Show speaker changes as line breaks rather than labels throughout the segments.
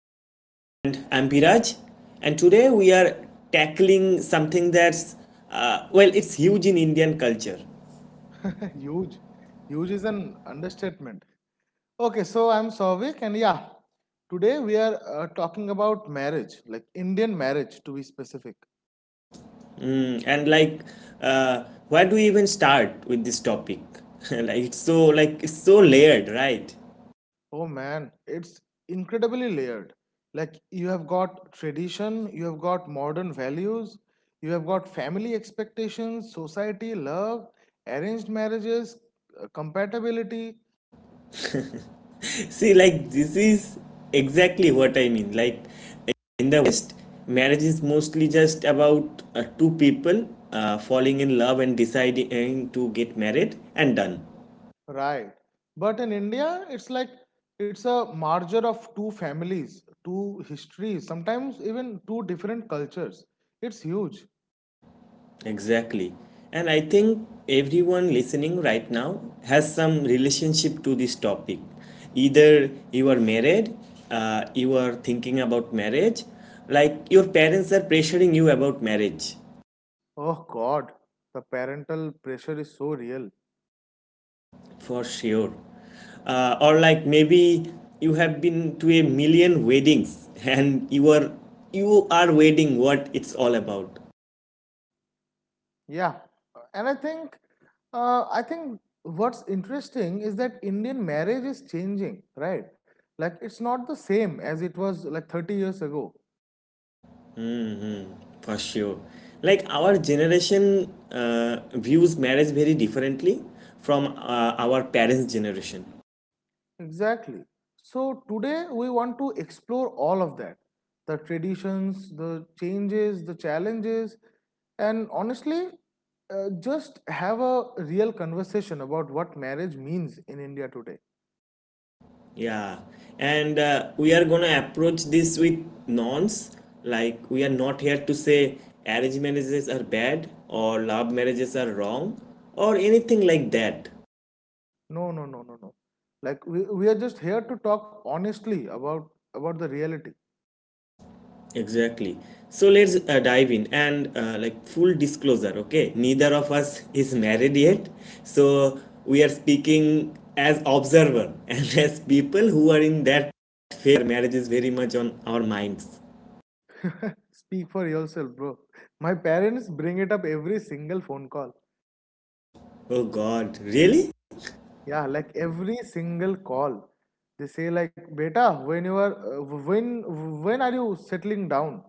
back, and I'm Biraj, and today we are tackling something that's well, it's huge in Indian culture.
Huge. Huge is an understatement. Okay, so I'm Souvik, and yeah, today we are talking about marriage, like Indian marriage to be specific.
Hmm, and like, uh, where do we even start with this topic? Like, it's so layered, right?
Oh man, it's incredibly layered. Like, you have got tradition, you have got modern values, you have got family expectations, society, love, arranged marriages, compatibility.
See, like this is exactly what I mean. Like, in the West, marriage is mostly just about two people falling in love and deciding to get married and done.
Right. But in India, it's like it's a merger of two families, two histories, sometimes even two different cultures. It's huge.
Exactly. And I think everyone listening right now has some relationship to this topic. Either you are married, you are thinking about marriage, like your parents are pressuring you about marriage
Oh God, the parental pressure is so real.
for sure. Or like maybe you have been to a million weddings and you are waiting what it's all about.
Yeah. And I think what's interesting is that Indian marriage is changing, right? Like it's not the same as it was like 30 years ago.
For sure. Like our generation views marriage very differently from our parents' generation.
Exactly. So today we want to explore all of that, the traditions, the changes, the challenges, and honestly, just have a real conversation about what marriage means in India today.
Yeah. And we are gonna approach this with nonce. Like we are not here to say arranged marriages are bad or love marriages are wrong or anything like that.
No, no, no, no, no. Like we are just here to talk honestly about the reality.
Exactly. So let's dive in, and like, full disclosure, okay? Neither of us is married yet. So we are speaking as observer and as people who are in that phase where marriage is very much on our minds.
Speak for yourself, bro. My parents bring it up every single phone call.
Oh God, really?
Yeah, like every single call, they say like, "Beta, when you are, uh, when, when are you settling down?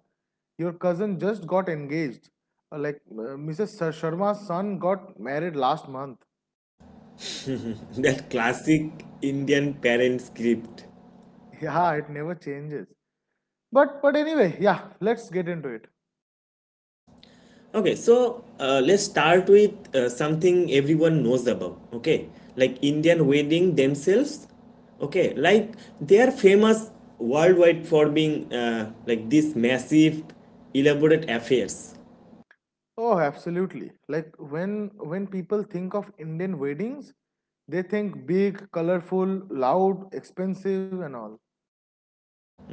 Your cousin just got engaged. Like Mrs. Sharma's son got married last month."
That classic Indian parent script.
Yeah, it never changes. But anyway, yeah, let's get into it.
Okay, so let's start with something everyone knows about. Okay, like Indian wedding themselves. Okay, like they are famous worldwide for being like these massive, elaborate affairs,
Oh, absolutely. Like when people think of Indian weddings, they think big, colorful, loud, expensive, and all.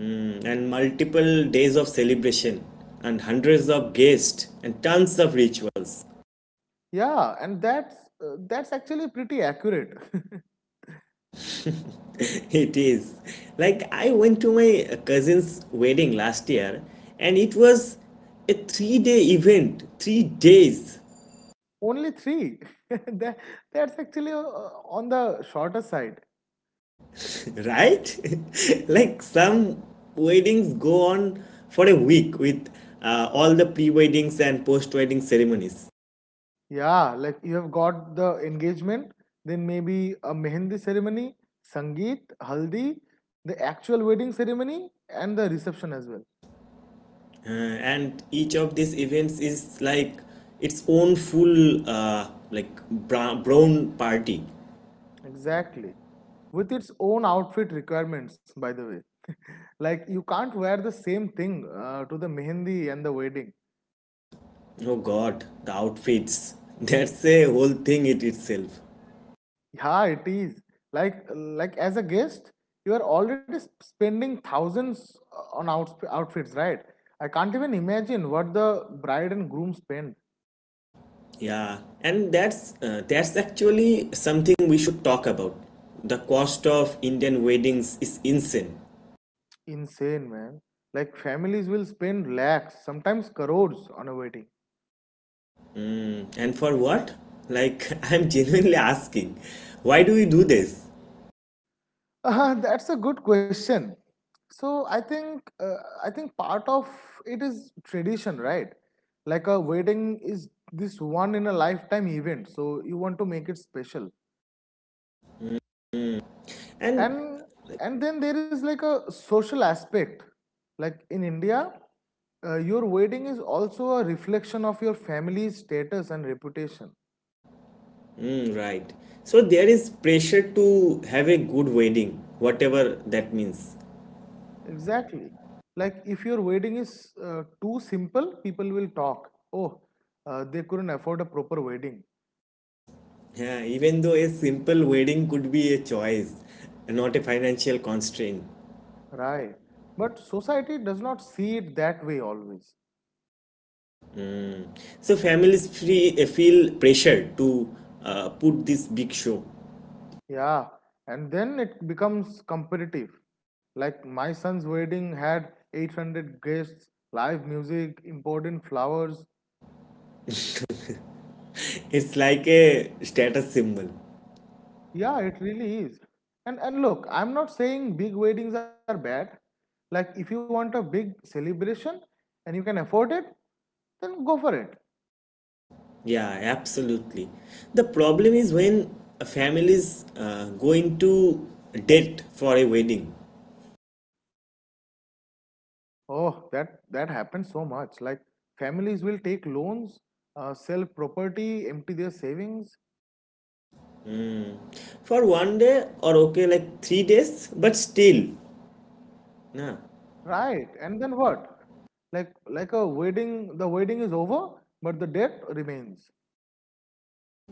and multiple days of celebration and hundreds of guests and tons of rituals.
Yeah, and that's actually pretty accurate.
It is. Like, I went to my cousin's wedding last year, and it was a three-day event, 3 days,
Only three. That that's actually on the shorter side.
right? Like some weddings go on for a week with all the pre weddings and post wedding ceremonies.
Yeah, like you have got the engagement, then maybe a mehendi ceremony, sangeet, haldi, the actual wedding ceremony, and the reception as well.
And each of these events is like its own full like brown party.
Exactly. With its own outfit requirements, by the way. Like you can't wear the same thing to the mehendi and the wedding.
Oh God, the outfits. That's a whole thing in itself.
Yeah, it is. Like as a guest, you are already spending thousands on outfits, right? I can't even imagine what the bride and groom spend.
Yeah, and that's actually something we should talk about. The cost of Indian weddings is insane.
Insane, man. Like families will spend lakhs, sometimes crores on a wedding.
And for what? Like, I'm genuinely asking, why do we do this?
That's a good question. So I think part of it is tradition, right? Like a wedding is this one in a lifetime event, so you want to make it special.
And,
And and then there is like a social aspect, like in India, your wedding is also a reflection of your family's status and reputation.
mm, right. So there is pressure to have a good wedding, whatever that means.
Exactly. Like if your wedding is too simple, people will talk. Oh, they couldn't afford a proper wedding.
Yeah, even though a simple wedding could be a choice, not a financial constraint.
Right, but society does not see it that way always.
Mm. So families feel pressure to put this big show.
Yeah, and then it becomes competitive. Like my son's wedding had 800 guests, live music, important flowers.
It's like a status symbol.
Yeah, it really is. And look, I'm not saying big weddings are bad. Like if you want a big celebration and you can afford it, then go for it.
Yeah, absolutely. The problem is when a families go into debt for a wedding
Oh, that happens so much. Like families will take loans, sell property, empty their savings.
for one day, or okay, like 3 days, but still, nah,
Right. And then what? Like a wedding, the wedding is over, but the debt remains.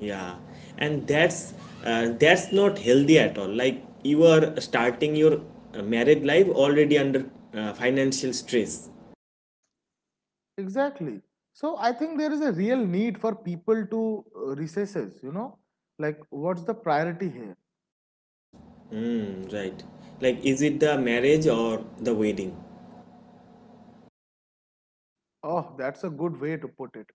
yeah, and that's not healthy at all. Like you are starting your married life already under financial stress.
Exactly. So I think there is a real need for people to recesses, you know? Like what's the priority here?
Mm, right? Like, is it the marriage or the wedding?
Oh, that's a good way to put it.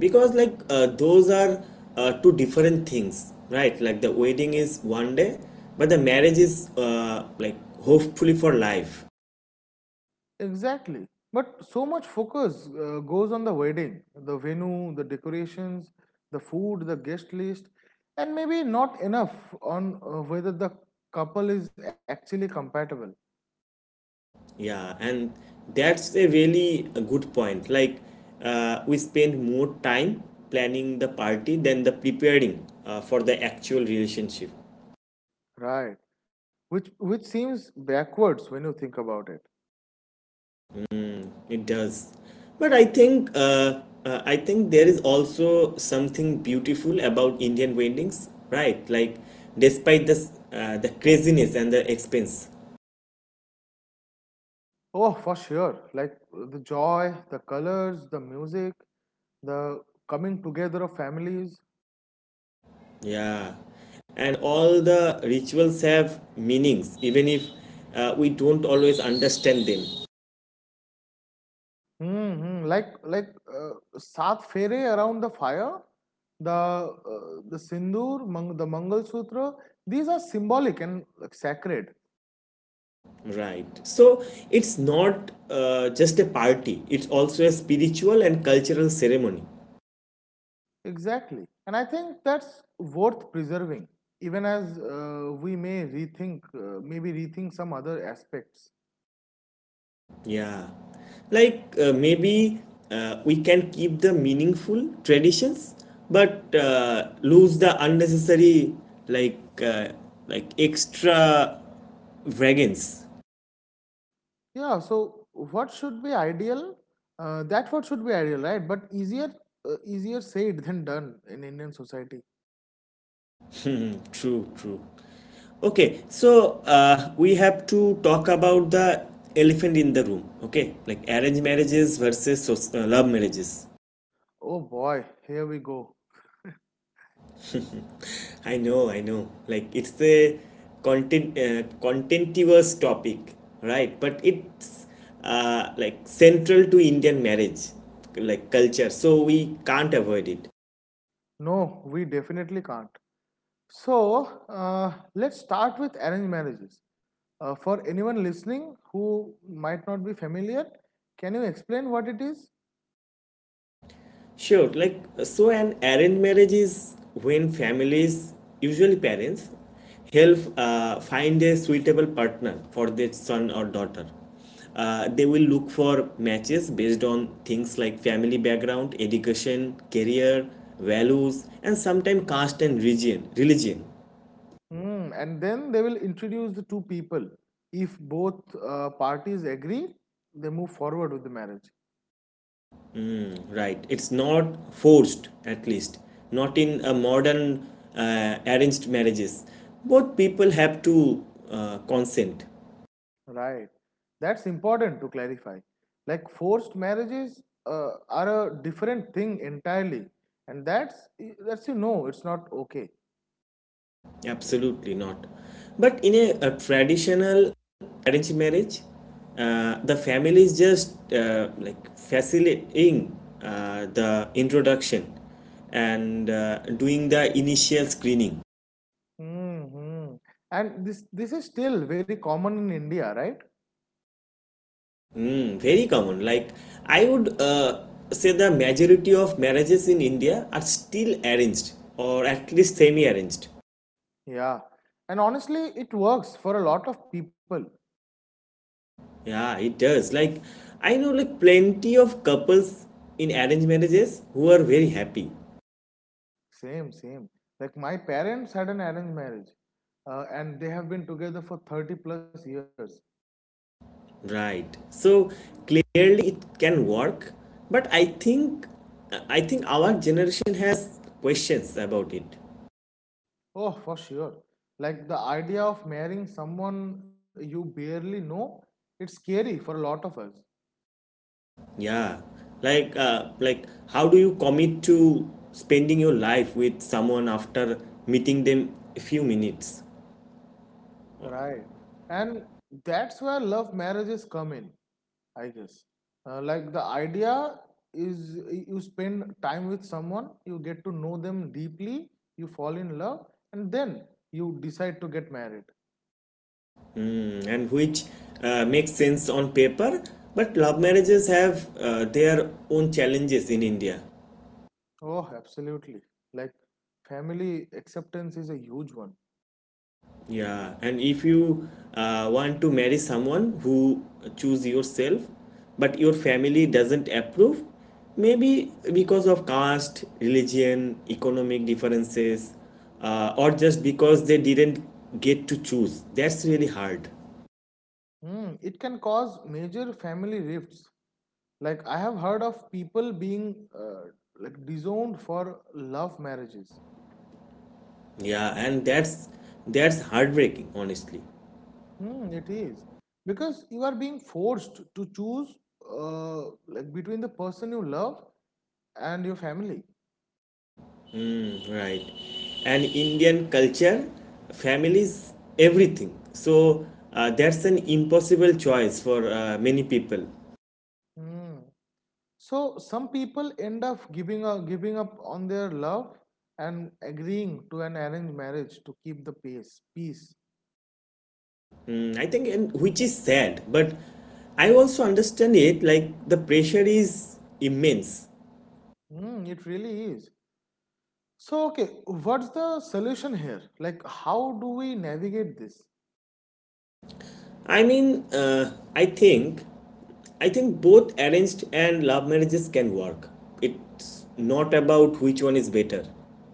Because like, those are two different things, right? Like the wedding is one day, but the marriage is like hopefully for life.
Exactly. But so much focus goes on the wedding, the venue, the decorations, the food, the guest list, and maybe not enough on whether the couple is actually compatible.
Yeah, and that's a really a good point. Like, we spend more time planning the party than the preparing for the actual relationship.
Right. Which seems backwards when you think about it.
It does. But I think there is also something beautiful about Indian weddings, right? Like, despite this the craziness and the expense.
Oh, for sure. Like the joy, the colors, the music, the coming together of families.
Yeah. And all the rituals have meanings, even if we don't always understand them.
Mm-hmm. Like Saath Fere around the fire, the the sindoor, the Mangal Sutra. These are symbolic and, like, sacred.
Right. So it's not just a party, it's also a spiritual and cultural ceremony.
Exactly. And I think that's worth preserving, even as we may rethink, maybe rethink some other aspects.
Yeah, like maybe we can keep the meaningful traditions, but lose the unnecessary, like uh, like extra vagans.
Yeah, so what should be ideal? That What should be ideal, right? But easier said than done in Indian society.
True, true. Okay, so we have to talk about the elephant in the room. Okay, like arranged marriages versus love marriages.
Oh boy, here we go.
I know, I know. Like, it's a contentious topic, right? But it's like central to Indian marriage, like culture. So we can't avoid it.
No, we definitely can't. So let's start with arranged marriages. For anyone listening who might not be familiar, can you explain what it is?
Sure, like so an arranged marriage is when families, usually parents, help find a suitable partner for their son or daughter. They will look for matches based on things like family background, education, career, values, and sometimes caste and region, religion.
Hmm, and then they will introduce the two people. If both parties agree, they move forward with the marriage.
Right, it's not forced, at least not in a modern, arranged marriages. Both people have to consent.
Right. That's important to clarify. Like forced marriages are a different thing entirely, and that's you know it's not okay.
Absolutely not. But in a traditional arranged marriage, the family is just like facilitating the introduction and doing the initial screening.
Hmm. And this is still very common in India, right?
Hmm, very common. Like, I would say the majority of marriages in India are still arranged or at least semi-arranged.
Yeah. And honestly, it works for a lot of people.
Yeah, it does. Like, I know like plenty of couples in arranged marriages who are very happy.
Same, same. Like my parents had an arranged marriage, and they have been together for 30 plus years.
Right. So clearly it can work, but I think our generation has questions about it.
Oh, for sure. Like the idea of marrying someone you barely know, it's scary for a lot of us.
Yeah. Like how do you commit to spending your life with someone after meeting them a few minutes?
Right. And that's where love marriages come in, I guess. Like the idea is you spend time with someone, you get to know them deeply, you fall in love, and then you decide to get married.
Mm. And which makes sense on paper, but love marriages have their own challenges in India.
Oh, absolutely. Like family acceptance is a huge one.
Yeah, and if you want to marry someone who choose yourself, but your family doesn't approve, maybe because of caste, religion, economic differences, or just because they didn't get to choose. That's really hard.
Hmm, it can cause major family rifts. Like I have heard of people being uh, disowned for love marriages.
Yeah, and that's heartbreaking, honestly.
Hmm, it is, because you are being forced to choose, uh, between the person you love and your family.
Right. And Indian culture, families, everything. So that's an impossible choice for many people.
Hmm. So some people end up giving up on their love and agreeing to an arranged marriage to keep the peace.
Mm, I think, and which is sad, but I also understand it. Like, the pressure is immense.
Hmm, it really is. So okay, what's the solution here? Like how do we navigate this?
I mean, I think both arranged and love marriages can work. It's not about which one is better.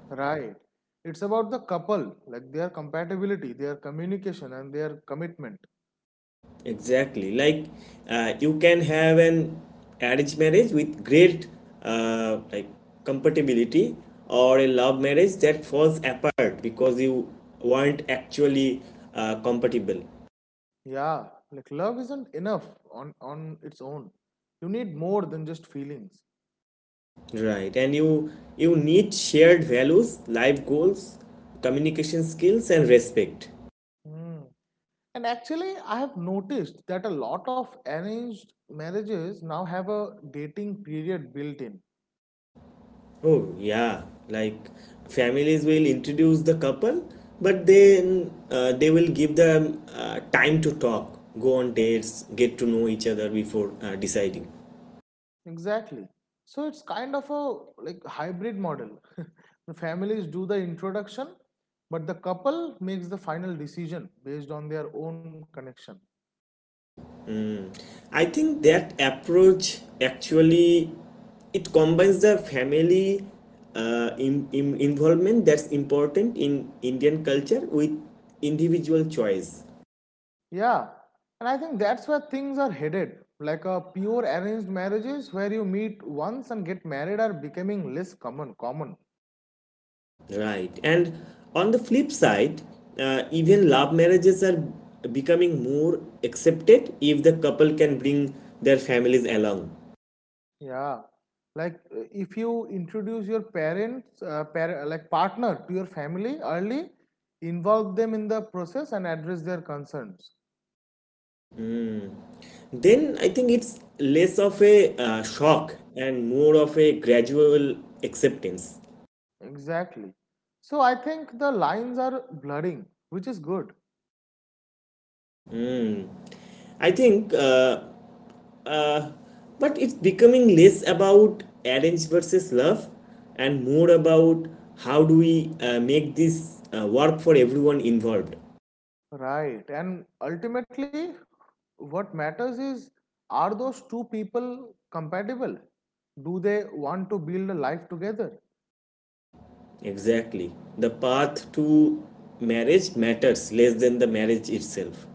Right. It's about the couple, like their compatibility, their communication, and their commitment.
Exactly. Like, you can have an arranged marriage with great, like, compatibility, or a love marriage that falls apart because you weren't actually compatible.
Yeah, like love isn't enough on its own. You need more than just feelings.
Right, and you need shared values, life goals, communication skills, and respect.
Hmm. And actually, I have noticed that a lot of arranged marriages now have a dating period built in.
Oh yeah, like families will introduce the couple, but then they will give them time to talk, go on dates, get to know each other before deciding.
Exactly. So it's kind of a, like, hybrid model. The families do the introduction, but the couple makes the final decision based on their own connection.
I think that approach actually it combines the family in involvement that's important in Indian culture with individual choice.
Yeah, and I think that's where things are headed. Like a pure arranged marriages where you meet once and get married are becoming less common.
Right. And on the flip side, even love marriages are becoming more accepted if the couple can bring their families along.
Yeah. Like if you introduce your parents, like partner to your family early, involve them in the process and address their concerns.
Then I think it's less of a shock and more of a gradual acceptance.
Exactly. So I think the lines are blurring, which is good.
I think, uh, but it's becoming less about arrange versus love and more about how do we make this work for everyone involved.
Right. And ultimately, what matters is, are those two people compatible? Do they want to build a life together?
Exactly. The path to marriage matters less than the marriage itself.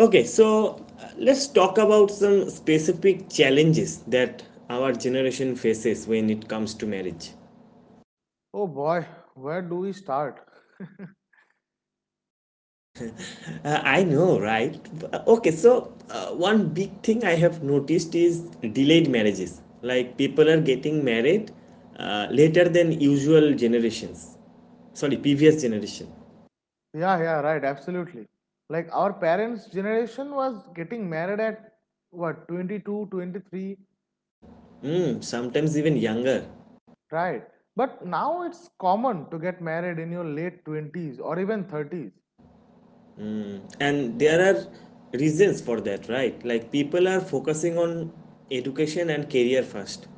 Okay, so let's talk about some specific challenges that our generation faces when it comes to marriage.
Oh boy, where do we start?
I know, right? Okay, so one big thing I have noticed is delayed marriages. Like people are getting married later than usual generations. Sorry, previous generation.
Yeah, yeah, right, absolutely. Like our parents' generation was getting married at what, 22, 23.
Mm, sometimes even younger.
Right? But now it's common to get married in your late 20s or even 30s.
And there are reasons for that, right? Like people are focusing on education and career first.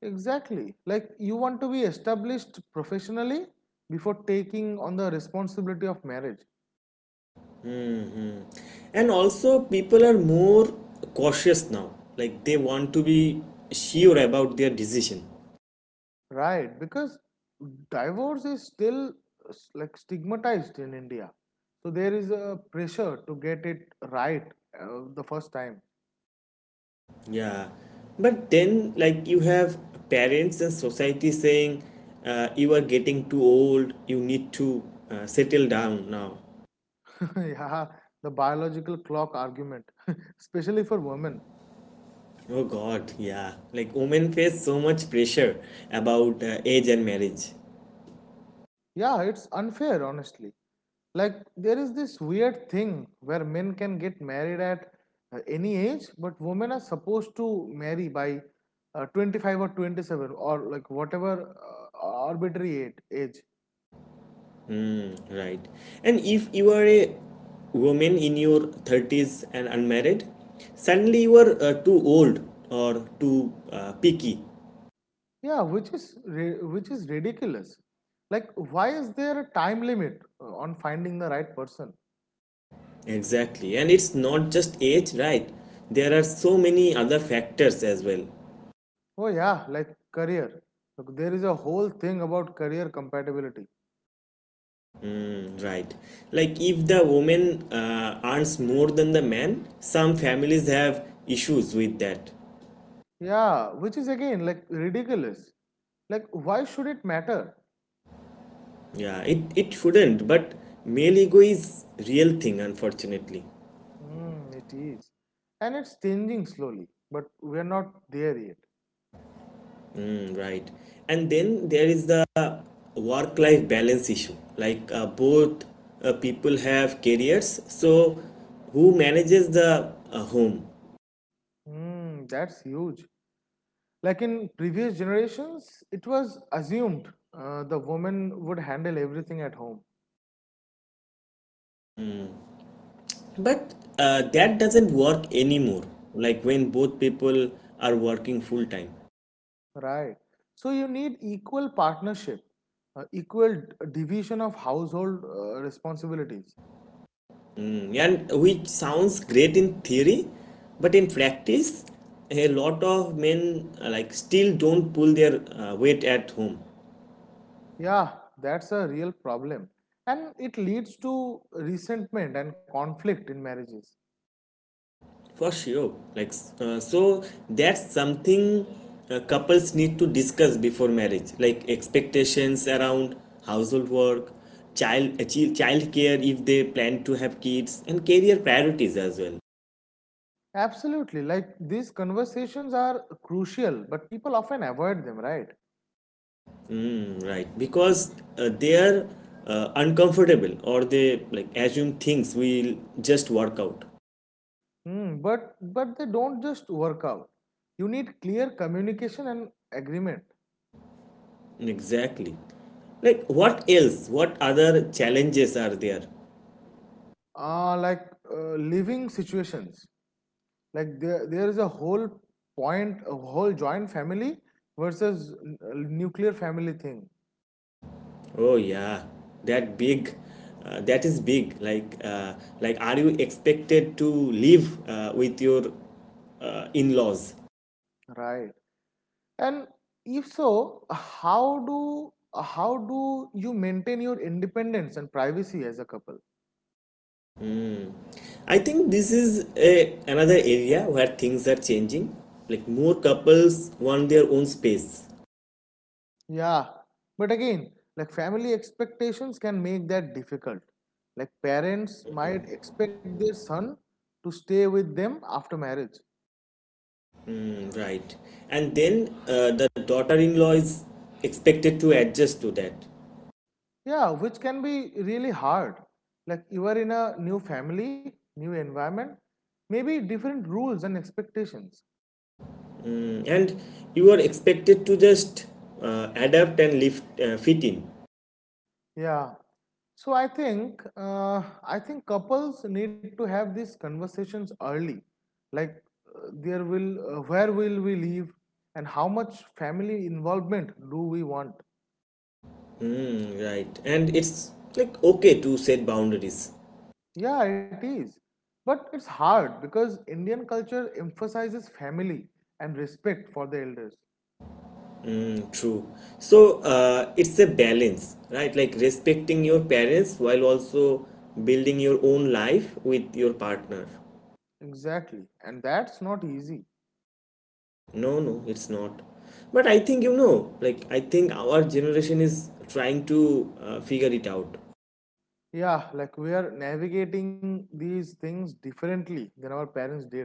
Exactly. Like you want to be established professionally before taking on the responsibility of marriage,
And also people are more cautious now, like they want to be sure about their decision.
right? Because divorce is still stigmatized in India. So there is a pressure to get it right the first time.
Yeah, but then like you have parents and society saying, you are getting too old, you need to settle down now.
Yeah, the biological clock argument, especially for women.
Oh God, yeah, like women face so much pressure about age and marriage.
Yeah, it's unfair, honestly. Like there is this weird thing where men can get married at any age, but women are supposed to marry by 25 or 27, or like whatever arbitrary age.
Mm, right. And if you are a woman in your 30s and unmarried, suddenly you are too old, or too picky.
Yeah which is which is ridiculous, like why is there a time limit on finding the right person?
Exactly. And it's not just age, right? There are so many other factors as well.
Oh yeah, like career. Look, there is a whole thing about career compatibility.
Mm, right. Like if the woman earns more than the man, some families have issues with that.
Yeah, which is again like ridiculous, like why should it matter?
Yeah, it shouldn't, but male ego is real thing, unfortunately.
Mm, it is. And it's changing slowly, but we're not there yet.
Mm, right. And then there is the work life balance issue. Like, both people have careers, so who manages the home?
Mm, that's huge. Like in previous generations, it was assumed the woman would handle everything at home.
But that doesn't work anymore. Like when both people are working full time.
Right. So you need equal partnership, uh, equal d- division of household responsibilities.
Mm, and which sounds great in theory, but in practice, a lot of men like still don't pull their weight at home.
Yeah, that's a real problem. And it leads to resentment and conflict in marriages.
For sure. Like, so that's something couples need to discuss before marriage, like expectations around household work, child care if they plan to have kids, and career priorities as well.
Absolutely. Like these conversations are crucial, but people often avoid them, right?
Hmm, right, because they are uncomfortable, or they like assume things will just work out.
Hmm. But they don't just work out. You need clear communication and agreement.
Exactly. Like, what else? What other challenges are there?
Like living situations. Like there is a whole point, a whole joint family versus nuclear family thing,
Oh yeah, that big, that is big. Like, are you expected to live with your in-laws?
right? And if so, how do you maintain your independence and privacy as a couple?
I think this is another area where things are changing. Like more couples want their own space.
Yeah, but again, like family expectations can make that difficult. Like parents might expect their son to stay with them after marriage.
Mm, right, and then the daughter-in-law is expected to adjust to that.
Yeah, which can be really hard. Like you are in a new family, new environment, maybe different rules and expectations.
Mm, and you are expected to just adapt and live, fit in.
Yeah, so I think couples need to have these conversations early, like there will where will we live, and how much family involvement do we want?
Mm, right. And it's like okay to set boundaries.
Yeah, it is, but it's hard because Indian culture emphasizes family and respect for the elders.
Mm, true. So it's a balance, right? Like respecting your parents while also building your own life with your partner.
Exactly, and that's not easy.
No, no, it's not. But I think, like I think our generation is trying to figure it out.
Yeah, like we are navigating these things differently than our parents did.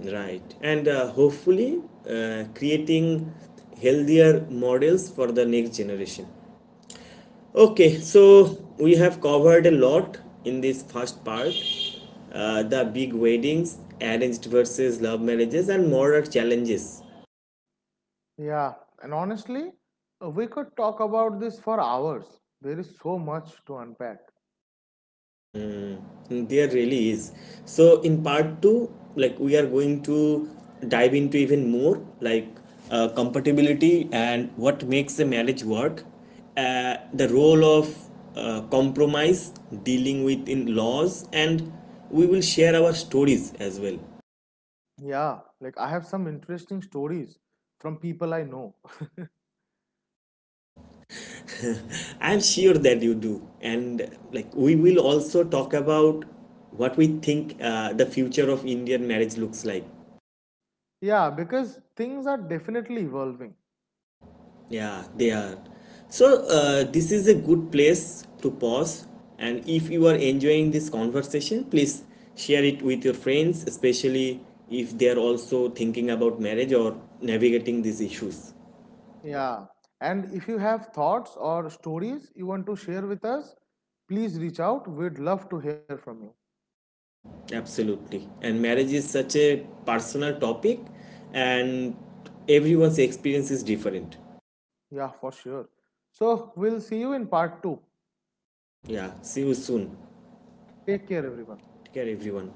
Right. And hopefully creating healthier models for the next generation. Okay, so we have covered a lot in this first part. The big weddings, arranged versus love marriages, and moral challenges.
Yeah, and honestly, we could talk about this for hours. There is so much to unpack.
There really is. So, in part two, like we are going to dive into even more, like compatibility and what makes a marriage work, the role of compromise, dealing with in laws, and we will share our stories as well.
Yeah, like I have some interesting stories from people I know.
I'm sure that you do. And like we will also talk about what we think the future of Indian marriage looks like.
Yeah, because things are definitely evolving.
Yeah, they are. So this is a good place to pause. And if you are enjoying this conversation, please share it with your friends, especially if they are also thinking about marriage or navigating these issues.
Yeah, and if you have thoughts or stories you want to share with us, please reach out. We'd love to hear from you.
Absolutely. And marriage is such a personal topic, and everyone's experience is different.
Yeah, for sure. So, we'll see you in part two.
Yeah, see you soon.
Take care, everyone.
Take care, everyone.